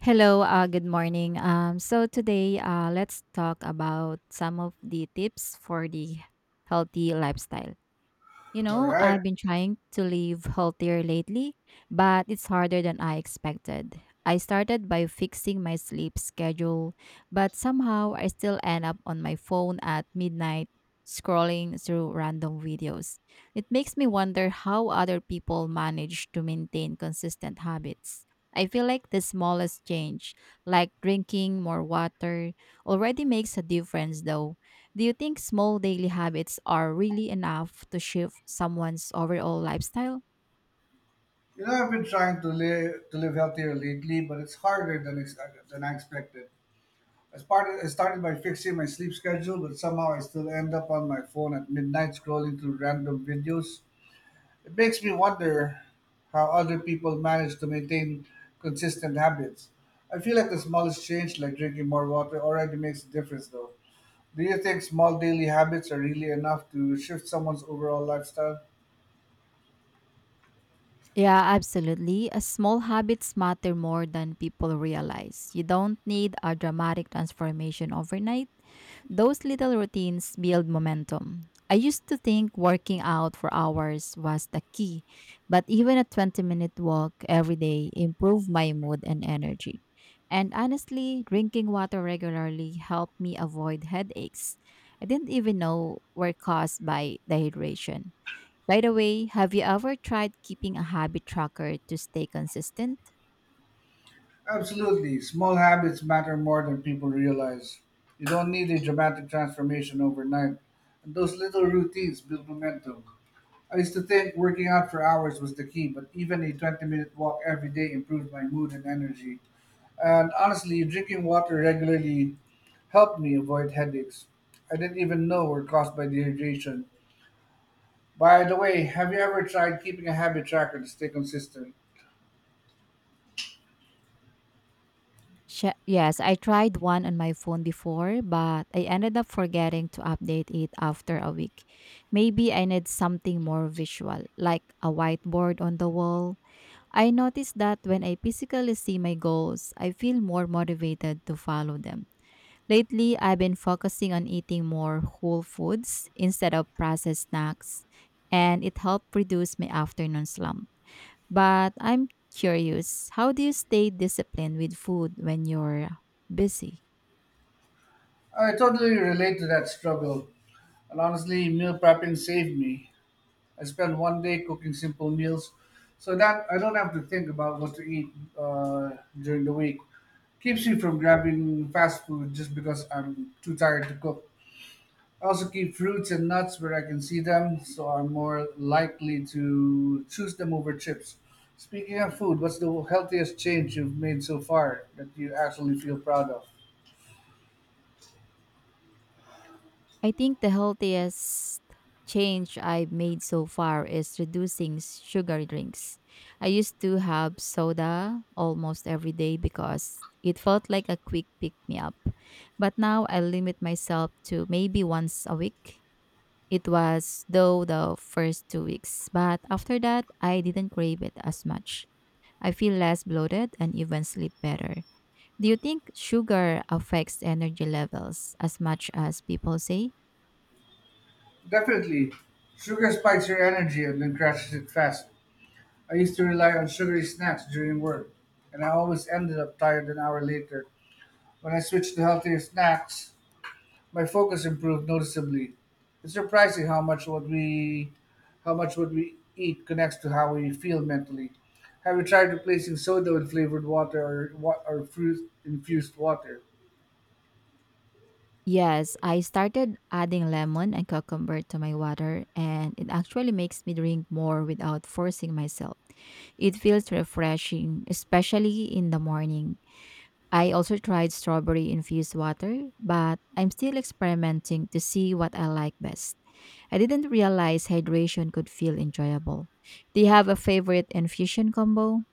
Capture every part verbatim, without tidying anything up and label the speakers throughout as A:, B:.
A: Hello, uh, good morning. Um, so today, uh, let's talk about some of the tips for the healthy lifestyle. You
B: All
A: know,
B: right.
A: I've been trying to live healthier lately, but it's harder than I expected. I started by fixing my sleep schedule, but somehow I still end up on my phone at midnight scrolling through random videos. It makes me wonder how other people manage to maintain consistent habits. I feel like the smallest change, like drinking more water, already makes a difference though. Do you think small daily habits are really enough to shift someone's overall lifestyle?
B: You know, I've been trying to live to live healthier lately, but it's harder than ex- than I expected. I started I started by fixing my sleep schedule, but somehow I still end up on my phone at midnight scrolling through random videos. It makes me wonder how other people manage to maintain consistent habits. I feel like the smallest change, like drinking more water, already makes a difference, though. Do you think small daily habits are really enough to shift someone's overall lifestyle?
A: Yeah, absolutely. Uh, Small habits matter more than people realize. You don't need a dramatic transformation overnight. Those little routines build momentum. I used to think working out for hours was the key, but even a twenty minute walk every day improved my mood and energy. And honestly, drinking water regularly helped me avoid headaches. I didn't even know were caused by dehydration. By the way, have you ever tried keeping a habit tracker to stay consistent?
B: Absolutely. Small habits matter more than people realize. You don't need a dramatic transformation overnight, and those little routines build momentum. I used to think working out for hours was the key, but even a twenty minute walk every day improved my mood and energy. And honestly, drinking water regularly helped me avoid headaches I didn't even know were caused by dehydration. By the way, have you ever tried keeping a habit tracker to stay consistent?
A: Sh- yes, I tried one on my phone before, but I ended up forgetting to update it after a week. Maybe I need something more visual, like a whiteboard on the wall. I noticed that when I physically see my goals, I feel more motivated to follow them. Lately, I've been focusing on eating more whole foods instead of processed snacks, and it helped reduce my afternoon slump. But I'm curious, how do you stay disciplined with food when you're busy?
B: I totally relate to that struggle. And honestly, meal prepping saved me. I spent one day cooking simple meals so that I don't have to think about what to eat uh, during the week. Keeps me from grabbing fast food just because I'm too tired to cook. I also keep fruits and nuts where I can see them, so I'm more likely to choose them over chips. Speaking of food, what's the healthiest change you've made so far that you actually feel proud of?
A: I think the healthiest change I've made so far is reducing sugary drinks. I used to have soda almost every day because it felt like a quick pick me up. But now I limit myself to maybe once a week. It was though the first two weeks, but after that, I didn't crave it as much. I feel less bloated and even sleep better. Do you think sugar affects energy levels as much as people say?
B: Definitely, sugar spikes your energy and then crashes it fast. I used to rely on sugary snacks during work, and I always ended up tired an hour later. When I switched to healthier snacks, my focus improved noticeably. It's surprising how much what we how much what we eat connects to how we feel mentally. Have you tried replacing soda with flavored water or wa- or fruit infused water?
A: Yes, I started adding lemon and cucumber to my water, and it actually makes me drink more without forcing myself. It feels refreshing, especially in the morning. I also tried strawberry infused water, but I'm still experimenting to see what I like best. I didn't realize hydration could feel enjoyable. Do you have a favorite infusion combo?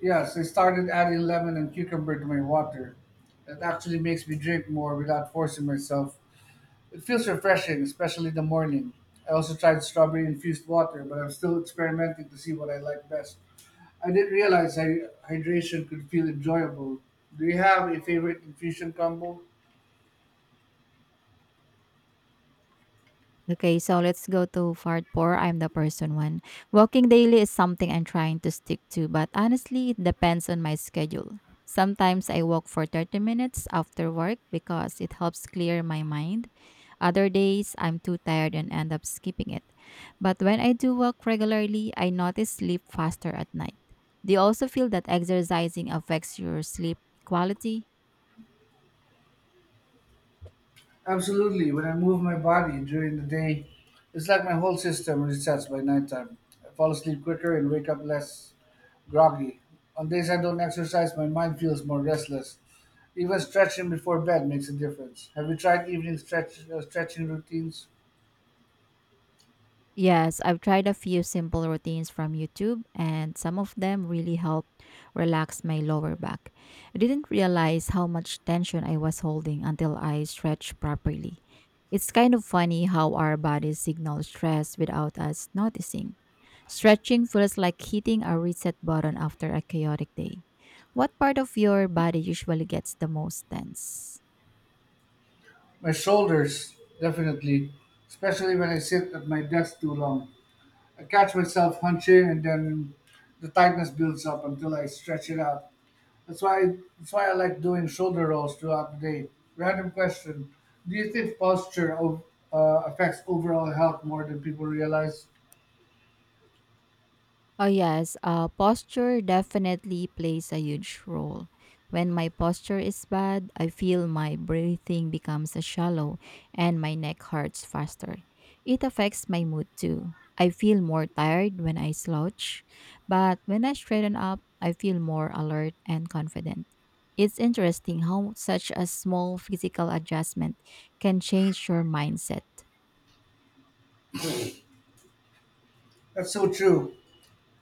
B: Yes, I started adding lemon and cucumber to my water. That actually makes me drink more without forcing myself. It feels refreshing, especially in the morning. I also tried strawberry infused water, but I'm still experimenting to see what I like best. I didn't realize hy- hydration could feel enjoyable. Do you have a favorite infusion combo?
A: Okay, so let's go to part four. I'm the person one. Walking daily is something I'm trying to stick to, but honestly, it depends on my schedule. Sometimes I walk for thirty minutes after work because it helps clear my mind. Other days, I'm too tired and end up skipping it. But when I do walk regularly, I notice sleep faster at night. Do you also feel that exercising affects your sleep quality?
B: Absolutely. When I move my body during the day, it's like my whole system resets by nighttime. I fall asleep quicker and wake up less groggy. On days I don't exercise, my mind feels more restless. Even stretching before bed makes a difference. Have you tried evening stretch, uh, stretching routines?
A: Yes, I've tried a few simple routines from YouTube, and some of them really helped relax my lower back. I didn't realize how much tension I was holding until I stretched properly. It's kind of funny how our bodies signal stress without us noticing. Stretching feels like hitting a reset button after a chaotic day. What part of your body usually gets the most tense?
B: My shoulders, definitely, especially when I sit at my desk too long. I catch myself hunching and then the tightness builds up until I stretch it out. That's why that's why I like doing shoulder rolls throughout the day. Random question. Do you think posture o- uh, affects overall health more than people realize?
A: Oh, yes. Uh, posture definitely plays a huge role. When my posture is bad, I feel my breathing becomes shallow and my neck hurts faster. It affects my mood too. I feel more tired when I slouch, but when I straighten up, I feel more alert and confident. It's interesting how such a small physical adjustment can change your mindset.
B: That's so true.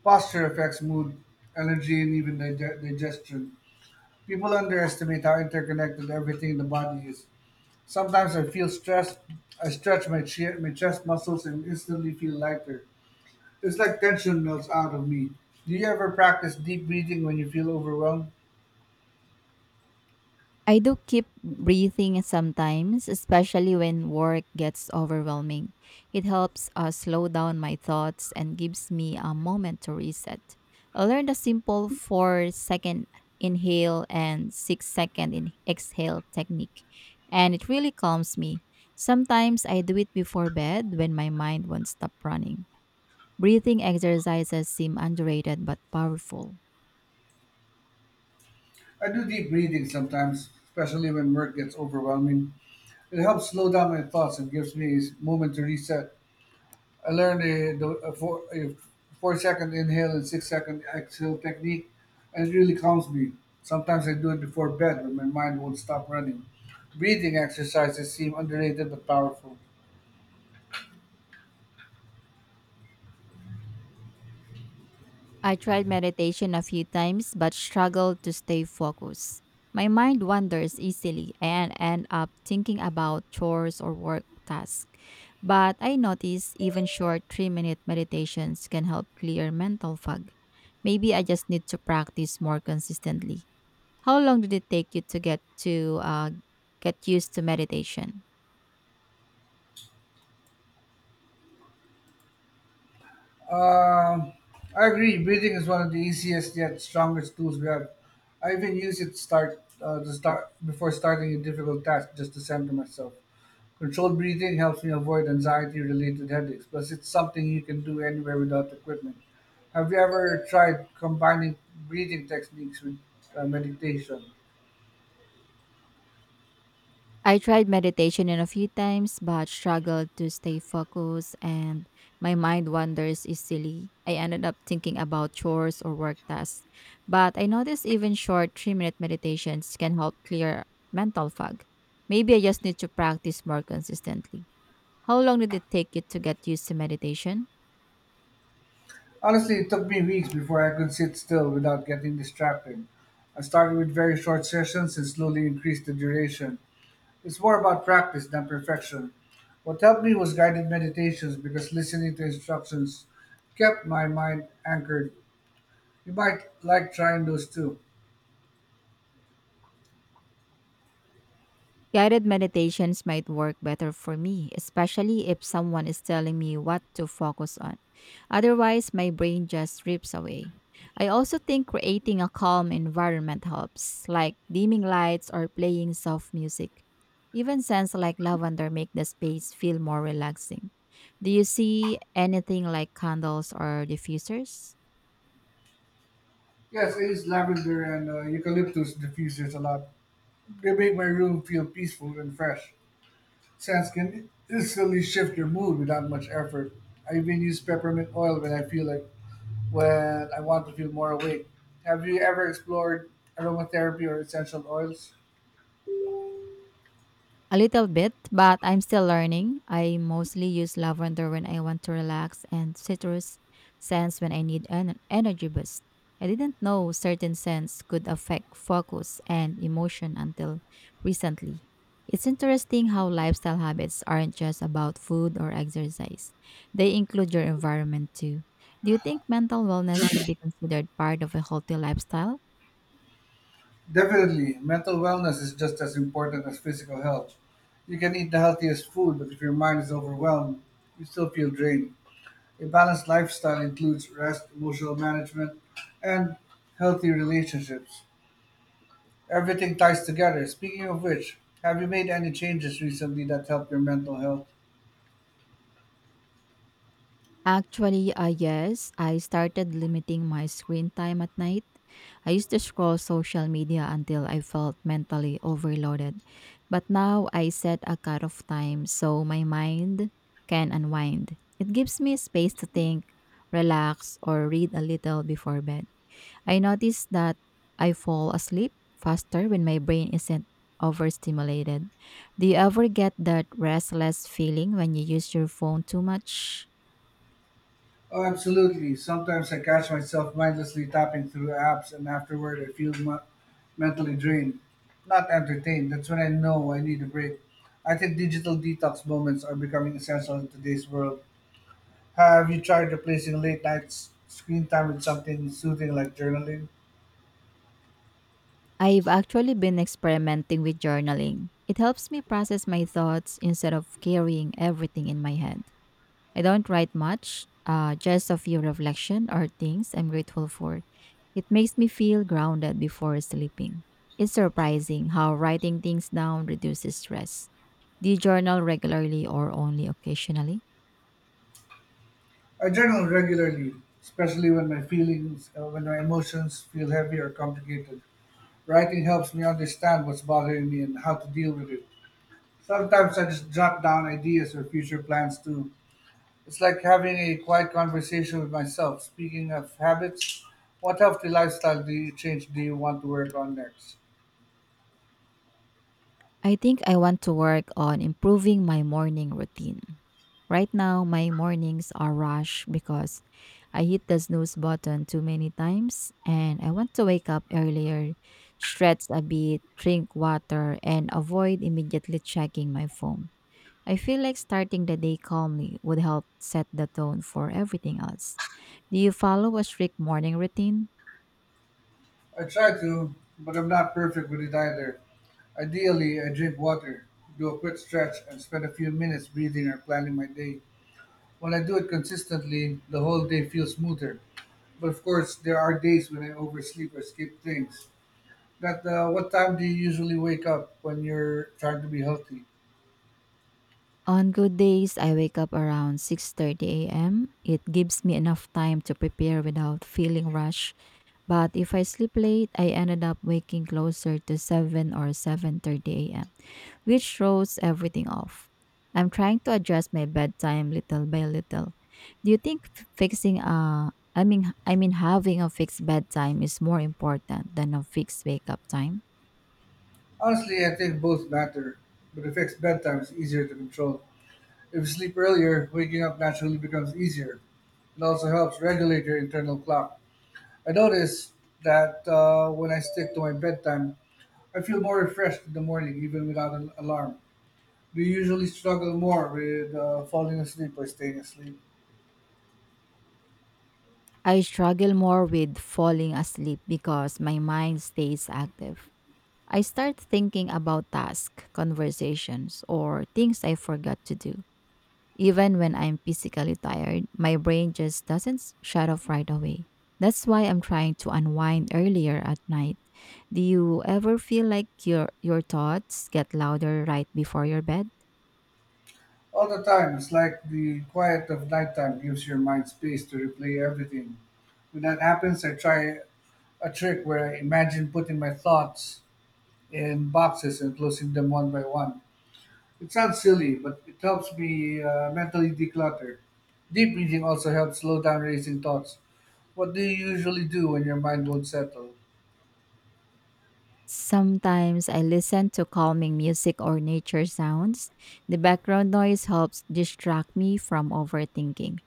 B: Posture affects mood, energy, and even dig- digestion. People underestimate how interconnected everything in the body is. Sometimes I feel stressed. I stretch my, che- my chest muscles and instantly feel lighter. It's like tension melts out of me. Do you ever practice deep breathing when you feel overwhelmed?
A: I do keep breathing sometimes, especially when work gets overwhelming. It helps uh, slow down my thoughts and gives me a moment to reset. I learned a simple four second inhale and six second in- exhale technique, and it really calms me. Sometimes I do it before bed when my mind won't stop running. Breathing exercises seem underrated but powerful.
B: I do deep breathing sometimes, especially when work gets overwhelming. It helps slow down my thoughts and gives me a moment to reset. I learned a, the, a, four, a four second inhale and six second exhale technique, and it really calms me. Sometimes I do it before bed when my mind won't stop running. Breathing exercises seem underrated but powerful.
A: I tried meditation a few times but struggled to stay focused. My mind wanders easily and end up thinking about chores or work tasks. But I notice even short three-minute meditations can help clear mental fog. Maybe I just need to practice more consistently. How long did it take you to get to uh, get used to meditation?
B: Um, I agree. Breathing is one of the easiest yet strongest tools we have. I even use it to start uh, to start before starting a difficult task just to center myself. Controlled breathing helps me avoid anxiety related headaches, plus, it's something you can do anywhere without equipment. Have you ever tried combining breathing techniques with uh, meditation?
A: I tried meditation in a few times but struggled to stay focused and my mind wanders easily. I ended up thinking about chores or work tasks. But I noticed even short three-minute meditations can help clear mental fog. Maybe I just need to practice more consistently. How long did it take you to get used to meditation?
B: Honestly, it took me weeks before I could sit still without getting distracted. I started with very short sessions and slowly increased the duration. It's more about practice than perfection. What helped me was guided meditations because listening to instructions kept my mind anchored. You might like trying those too.
A: Guided meditations might work better for me, especially if someone is telling me what to focus on. Otherwise, my brain just drifts away. I also think creating a calm environment helps, like dimming lights or playing soft music. Even scents like lavender make the space feel more relaxing. Do you see anything like candles or diffusers?
B: Yes, I use lavender and uh, eucalyptus diffusers a lot. They make my room feel peaceful and fresh. Scents can instantly shift your mood without much effort. I even use peppermint oil when I feel like when I want to feel more awake. Have you ever explored aromatherapy or essential oils?
A: A little bit, but I'm still learning. I mostly use lavender when I want to relax and citrus scents when I need an energy boost. I didn't know certain scents could affect focus and emotion until recently. It's interesting how lifestyle habits aren't just about food or exercise. They include your environment too. Do you think mental wellness should be considered part of a healthy lifestyle?
B: Definitely, mental wellness is just as important as physical health. You can eat the healthiest food, but if your mind is overwhelmed, you still feel drained. A balanced lifestyle includes rest, emotional management, and healthy relationships. Everything ties together. Speaking of which, have you made any changes recently that help your mental health?
A: Actually, uh, yes, I started limiting my screen time at night. I used to scroll social media until I felt mentally overloaded. But now I set a cutoff time so my mind can unwind. It gives me space to think, relax, or read a little before bed. I notice that I fall asleep faster when my brain isn't overstimulated. Do you ever get that restless feeling when you use your phone too much?
B: Oh, absolutely. Sometimes I catch myself mindlessly tapping through apps, and afterward, I feel mu- mentally drained, not entertained. That's when I know I need a break. I think digital detox moments are becoming essential in today's world. Have you tried replacing late night s- screen time with something soothing like journaling?
A: I've actually been experimenting with journaling. It helps me process my thoughts instead of carrying everything in my head. I don't write much, uh, just a few reflection or things I'm grateful for. It makes me feel grounded before sleeping. It's surprising how writing things down reduces stress. Do you journal regularly or only occasionally?
B: I journal regularly, especially when my feelings, uh, when my emotions feel heavy or complicated. Writing helps me understand what's bothering me and how to deal with it. Sometimes I just jot down ideas or future plans too. It's like having a quiet conversation with myself. Speaking of habits, what healthy lifestyle do you change do you want to work on next?
A: I think I want to work on improving my morning routine. Right now, my mornings are rushed because I hit the snooze button too many times and I want to wake up earlier, stretch a bit, drink water, and avoid immediately checking my phone. I feel like starting the day calmly would help set the tone for everything else. Do you follow a strict morning routine?
B: I try to, but I'm not perfect with it either. Ideally, I drink water, do a quick stretch, and spend a few minutes breathing or planning my day. When I do it consistently, the whole day feels smoother. But of course, there are days when I oversleep or skip things. But uh, what time do you usually wake up when you're trying to be healthy?
A: On good days, I wake up around six thirty a m. It gives me enough time to prepare without feeling rushed. But if I sleep late, I ended up waking closer to seven or seven thirty a m, which throws everything off. I'm trying to adjust my bedtime little by little. Do you think f- fixing a I mean I mean having a fixed bedtime is more important than a fixed wake up time?
B: Honestly, I think both matter, but it affects bedtime is easier to control. If you sleep earlier, waking up naturally becomes easier. It also helps regulate your internal clock. I notice that uh, when I stick to my bedtime, I feel more refreshed in the morning even without an alarm. We usually struggle more with uh, falling asleep or staying asleep.
A: I struggle more with falling asleep because my mind stays active. I start thinking about tasks, conversations, or things I forgot to do. Even when I'm physically tired, my brain just doesn't s- shut off right away. That's why I'm trying to unwind earlier at night. Do you ever feel like your your thoughts get louder right before your bed?
B: All the time, it's like the quiet of nighttime gives your mind space to replay everything. When that happens, I try a trick where I imagine putting my thoughts in boxes and closing them one by one. It sounds silly, but it helps me uh, mentally declutter. Deep breathing also helps slow down racing thoughts. What do you usually do when your mind won't settle?
A: Sometimes I listen to calming music or nature sounds. The background noise helps distract me from overthinking.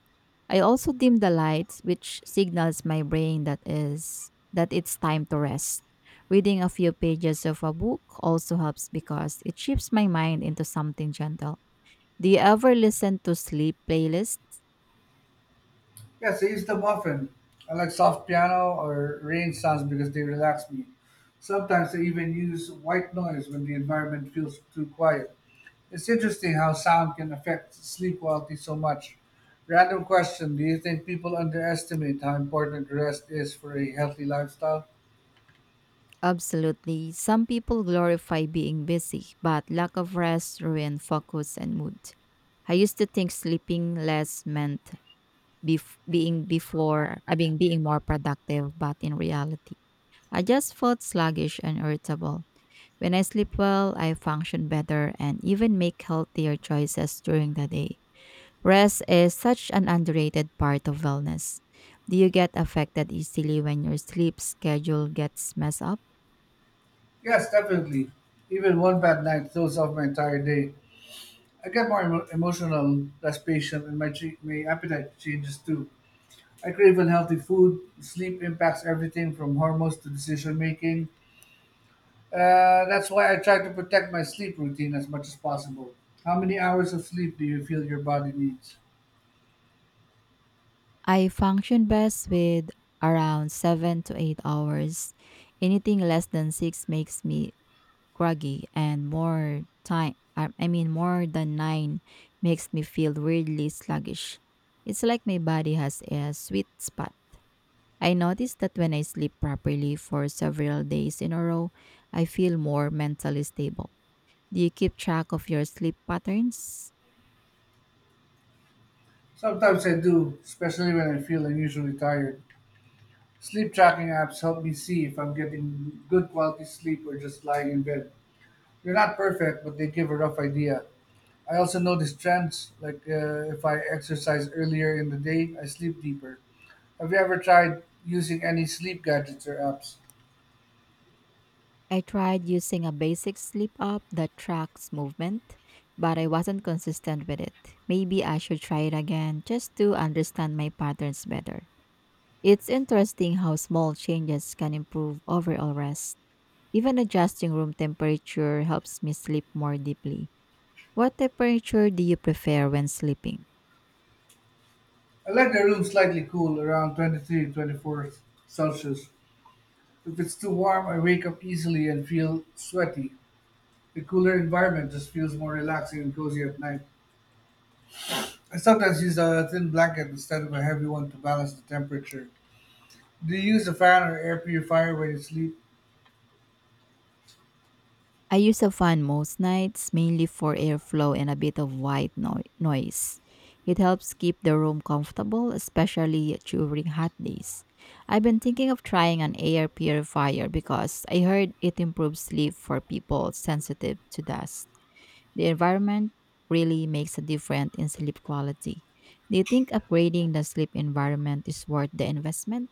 A: I also dim the lights, which signals my brain that is that it's time to rest. Reading a few pages of a book also helps because it shifts my mind into something gentle. Do you ever listen to sleep playlists?
B: Yes, I use them often. I like soft piano or rain sounds because they relax me. Sometimes I even use white noise when the environment feels too quiet. It's interesting how sound can affect sleep quality so much. Random question. Do you think people underestimate how important rest is for a healthy lifestyle?
A: Absolutely. Some people glorify being busy, but lack of rest ruin focus and mood. I used to think sleeping less meant bef- being before, I mean being more productive, but in reality, I just felt sluggish and irritable. When I sleep well, I function better and even make healthier choices during the day. Rest is such an underrated part of wellness. Do you get affected easily when your sleep schedule gets messed up?
B: Yes, definitely. Even one bad night throws off my entire day. I get more emo- emotional, less patient, and my, che- my appetite changes too. I crave unhealthy food. Sleep impacts everything from hormones to decision making. Uh, that's why I try to protect my sleep routine as much as possible. How many hours of sleep do you feel your body needs?
A: I function best with around seven to eight hours. Anything less than six makes me groggy and more time I I mean more than nine makes me feel weirdly sluggish. It's like my body has a sweet spot. I noticed that when I sleep properly for several days in a row, I feel more mentally stable. Do you keep track of your sleep patterns?
B: Sometimes I do, especially when I feel unusually tired. Sleep tracking apps help me see if I'm getting good quality sleep or just lying in bed. They're not perfect, but they give a rough idea. I also notice trends, like uh, if I exercise earlier in the day, I sleep deeper. Have you ever tried using any sleep gadgets or apps?
A: I tried using a basic sleep app that tracks movement, but I wasn't consistent with it. Maybe I should try it again just to understand my patterns better. It's interesting how small changes can improve overall rest. Even adjusting room temperature helps me sleep more deeply. What temperature do you prefer when sleeping?
B: I like the room slightly cool, around twenty-three twenty-four Celsius. If it's too warm, I wake up easily and feel sweaty. The cooler environment just feels more relaxing and cozy at night. I sometimes use a thin blanket instead of a heavy one to balance the temperature. Do you use a fan or air purifier when you sleep?
A: I use a fan most nights, mainly for airflow and a bit of white noi- noise. It helps keep the room comfortable, especially during hot days. I've been thinking of trying an air purifier because I heard it improves sleep for people sensitive to dust. The environment really makes a difference in sleep quality. Do you think upgrading the sleep environment is worth the investment?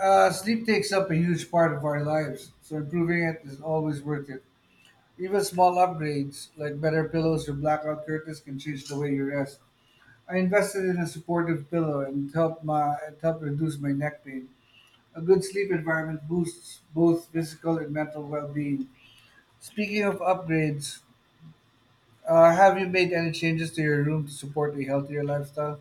B: Uh, sleep takes up a huge part of our lives, so improving it is always worth it. Even small upgrades, like better pillows or blackout curtains, can change the way you rest. I invested in a supportive pillow and it helped my it helped reduce my neck pain. A good sleep environment boosts both physical and mental well-being. Speaking of upgrades, uh, have you made any changes to your room to support a healthier lifestyle?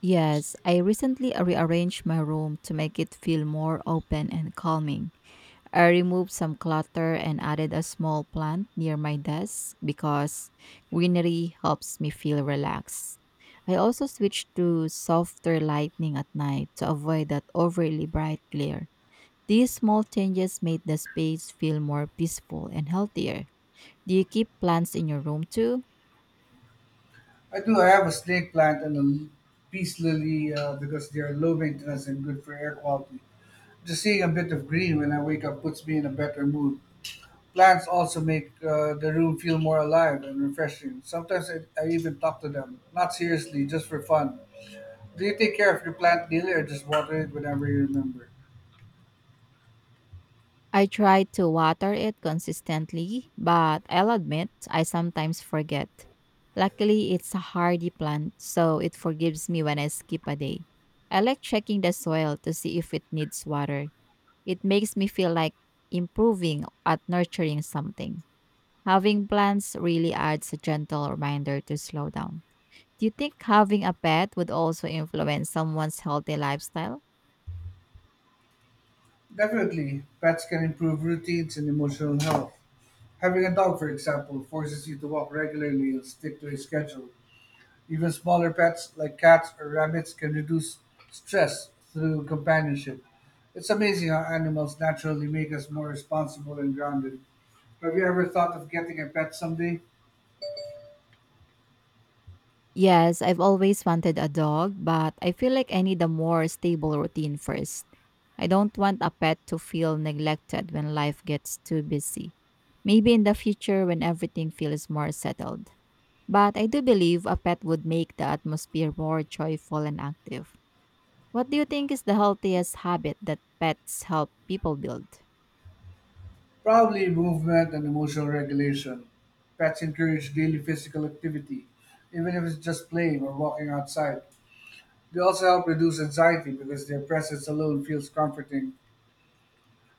A: Yes, I recently rearranged my room to make it feel more open and calming. I removed some clutter and added a small plant near my desk because greenery helps me feel relaxed. I also switched to softer lighting at night to avoid that overly bright glare. These small changes made the space feel more peaceful and healthier. Do you keep plants in your room too?
B: I do. I have a snake plant and a l- peace lily uh, because they are low maintenance and good for air quality. Just seeing a bit of green when I wake up puts me in a better mood. Plants also make uh, the room feel more alive and refreshing. Sometimes I, I even talk to them, not seriously, just for fun. Do you take care of your plant daily or just water it whenever you remember?
A: I try to water it consistently, but I'll admit I sometimes forget. Luckily, it's a hardy plant, so it forgives me when I skip a day. I like checking the soil to see if it needs water. It makes me feel like improving at nurturing something. Having plants really adds a gentle reminder to slow down. Do you think having a pet would also influence someone's healthy lifestyle?
B: Definitely, pets can improve routines and emotional health. Having a dog, for example, forces you to walk regularly and stick to a schedule. Even smaller pets like cats or rabbits can reduce stress through companionship. It's amazing how animals naturally make us more responsible and grounded. Have you ever thought of getting a pet someday?
A: Yes, I've always wanted a dog, but I feel like I need a more stable routine first. I don't want a pet to feel neglected when life gets too busy. Maybe in the future when everything feels more settled. But I do believe a pet would make the atmosphere more joyful and active. What do you think is the healthiest habit that pets help people build?
B: Probably movement and emotional regulation. Pets encourage daily physical activity, even if it's just playing or walking outside. They also help reduce anxiety because their presence alone feels comforting,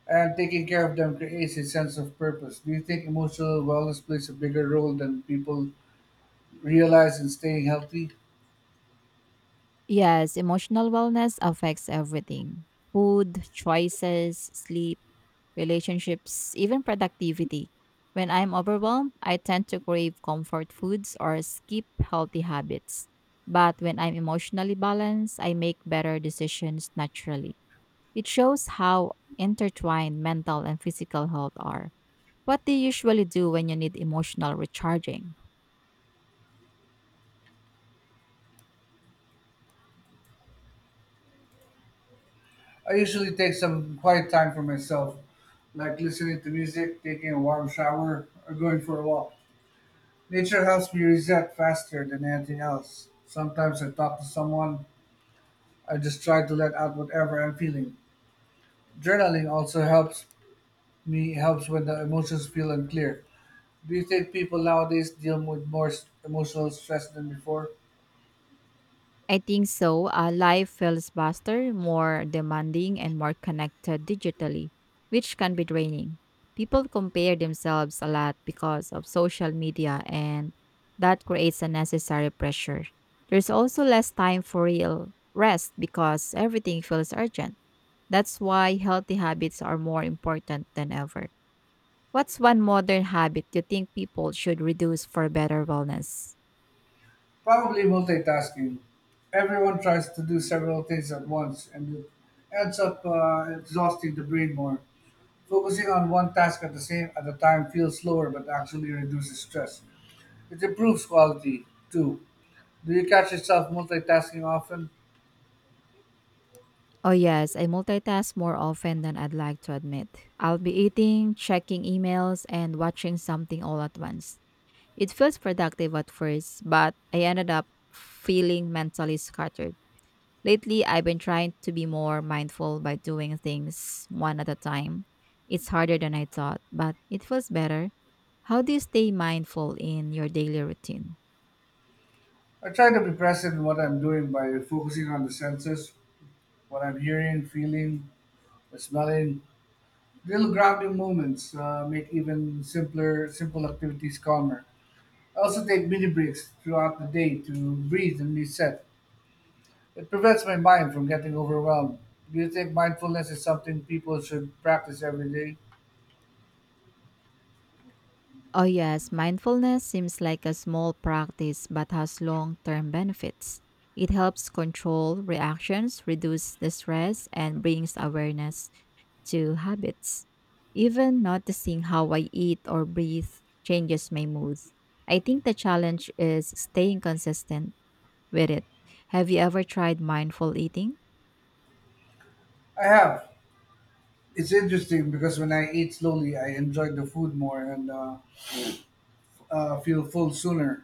B: and taking care of them creates a sense of purpose. Do you think emotional wellness plays a bigger role than people realize in staying healthy?
A: Yes, emotional wellness affects everything: food, choices, sleep, relationships, even productivity. When I'm overwhelmed, I tend to crave comfort foods or skip healthy habits. But when I'm emotionally balanced, I make better decisions naturally. It shows how intertwined mental and physical health are. What do you usually do when you need emotional recharging?
B: I usually take some quiet time for myself, like listening to music, taking a warm shower, or going for a walk. Nature helps me reset faster than anything else. Sometimes I talk to someone, I just try to let out whatever I'm feeling. Journaling also helps me helps when the emotions feel unclear. Do you think people nowadays deal with more s- emotional stress than before?
A: I think so. Uh, life feels faster, more demanding, and more connected digitally, which can be draining. People compare themselves a lot because of social media, and that creates unnecessary pressure. There's also less time for real rest because everything feels urgent. That's why healthy habits are more important than ever. What's one modern habit you think people should reduce for better wellness?
B: Probably multitasking. Everyone tries to do several things at once, and it ends up uh, exhausting the brain more. Focusing on one task at the same at a time feels slower but actually reduces stress. It improves quality too. Do you catch yourself multitasking often?
A: Oh, yes, I multitask more often than I'd like to admit. I'll be eating, checking emails, and watching something all at once. It feels productive at first, but I ended up feeling mentally scattered. Lately, I've been trying to be more mindful by doing things one at a time. It's harder than I thought, but it feels better. How do you stay mindful in your daily routine?
B: I try to be present in what I'm doing by focusing on the senses, what I'm hearing, feeling, smelling. Little grounding moments uh, make even simpler, simple activities calmer. I also take mini breaks throughout the day to breathe and reset. It prevents my mind from getting overwhelmed. Do you think mindfulness is something people should practice every day?
A: Oh, yes, mindfulness seems like a small practice but has long term benefits. It helps control reactions, reduce the stress, and brings awareness to habits. Even noticing how I eat or breathe changes my mood. I think the challenge is staying consistent with it. Have you ever tried mindful eating?
B: I have. It's interesting because when I ate slowly, I enjoyed the food more and uh, uh, feel full sooner.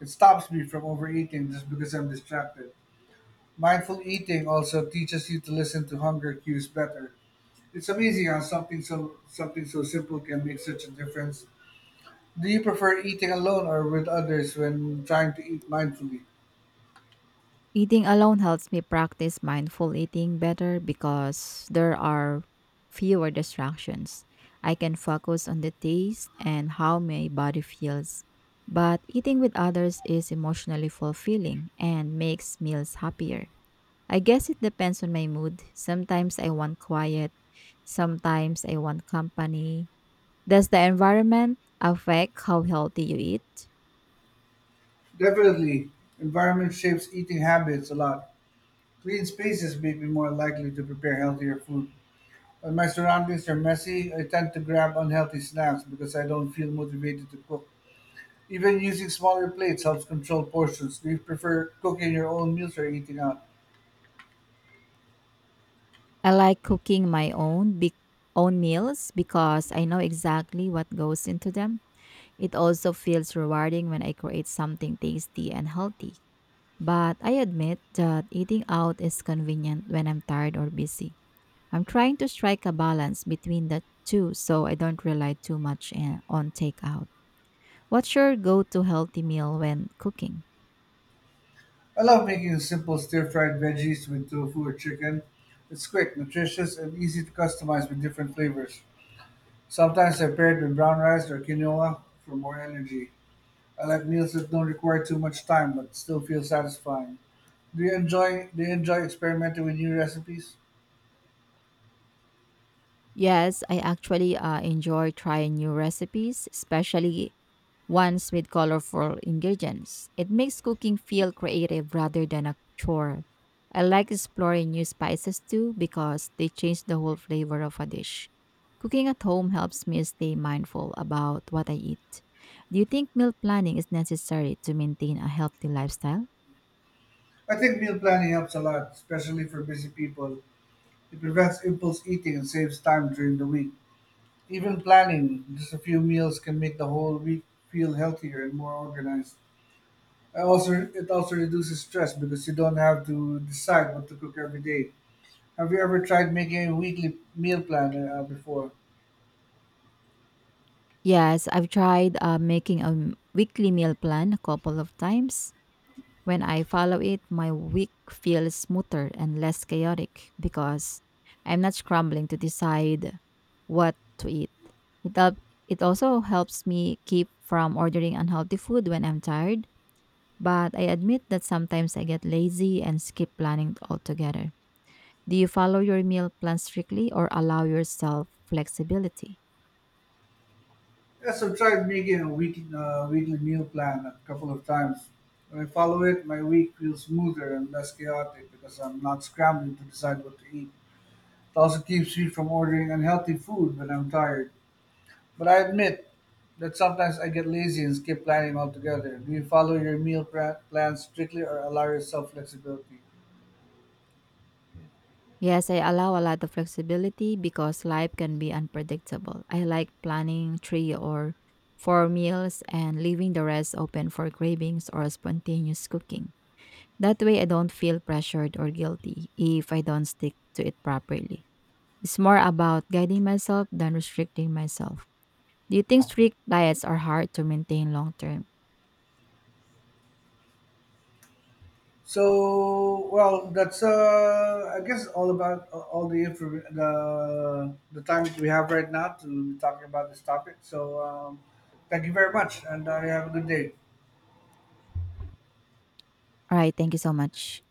B: It stops me from overeating just because I'm distracted. Mindful eating also teaches you to listen to hunger cues better. It's amazing how something so something so simple can make such a difference. Do you prefer eating alone or with others when trying to eat mindfully?
A: Eating alone helps me practice mindful eating better because there are fewer distractions. I can focus on the taste and how my body feels. But eating with others is emotionally fulfilling and makes meals happier. I guess it depends on my mood. Sometimes I want quiet, sometimes I want company. Does the environment affect how healthy you eat?
B: Definitely, environment shapes eating habits a lot. Clean spaces make me more likely to prepare healthier food. When my surroundings are messy, I tend to grab unhealthy snacks because I don't feel motivated to cook. Even using smaller plates helps control portions. Do you prefer cooking your own meals or eating out?
A: I like cooking my own big own meals because I know exactly what goes into them. It also feels rewarding when I create something tasty and healthy. But I admit that eating out is convenient when I'm tired or busy. I'm trying to strike a balance between the two so I don't rely too much eh, on takeout. What's your go-to healthy meal when cooking?
B: I love making simple stir-fried veggies with tofu or chicken. It's quick, nutritious, and easy to customize with different flavors. Sometimes I pair it with brown rice or quinoa for more energy. I like meals that don't require too much time but still feel satisfying. Do you enjoy do you enjoy experimenting with new recipes?
A: Yes, I actually uh, enjoy trying new recipes, especially ones with colorful ingredients. It makes cooking feel creative rather than a chore. I like exploring new spices too because they change the whole flavor of a dish. Cooking at home helps me stay mindful about what I eat. Do you think meal planning is necessary to maintain a healthy lifestyle?
B: I think meal planning helps a lot, especially for busy people. It prevents impulse eating and saves time during the week. Even planning just a few meals can make the whole week feel healthier and more organized. I also it also reduces stress because you don't have to decide what to cook every day. Have you ever tried making a weekly meal plan uh, before?
A: Yes, I've tried uh, making a m- weekly meal plan a couple of times. When I follow it, my week feels smoother and less chaotic because I'm not scrambling to decide what to eat. It, help- it also helps me keep from ordering unhealthy food when I'm tired, but I admit that sometimes I get lazy and skip planning altogether. Do you follow your meal plan strictly or allow yourself flexibility?
B: Yes, I've tried making a weekly uh, weekly meal plan a couple of times. When I follow it, my week feels smoother and less chaotic because I'm not scrambling to decide what to eat. It also keeps me from ordering unhealthy food when I'm tired. But I admit that sometimes I get lazy and skip planning altogether. Do you follow your meal pra- plans strictly or allow yourself flexibility?
A: Yes, I allow a lot of flexibility because life can be unpredictable. I like planning three or four meals and leaving the rest open for cravings or spontaneous cooking. That way, I don't feel pressured or guilty if I don't stick to it properly. It's more about guiding myself than restricting myself. Do you think strict diets are hard to maintain long term?
B: So, well, that's uh, I guess all about uh, all the info, the the time that we have right now to be talking about this topic. So, um, thank you very much, and uh, you have a good day.
A: All right, thank you so much.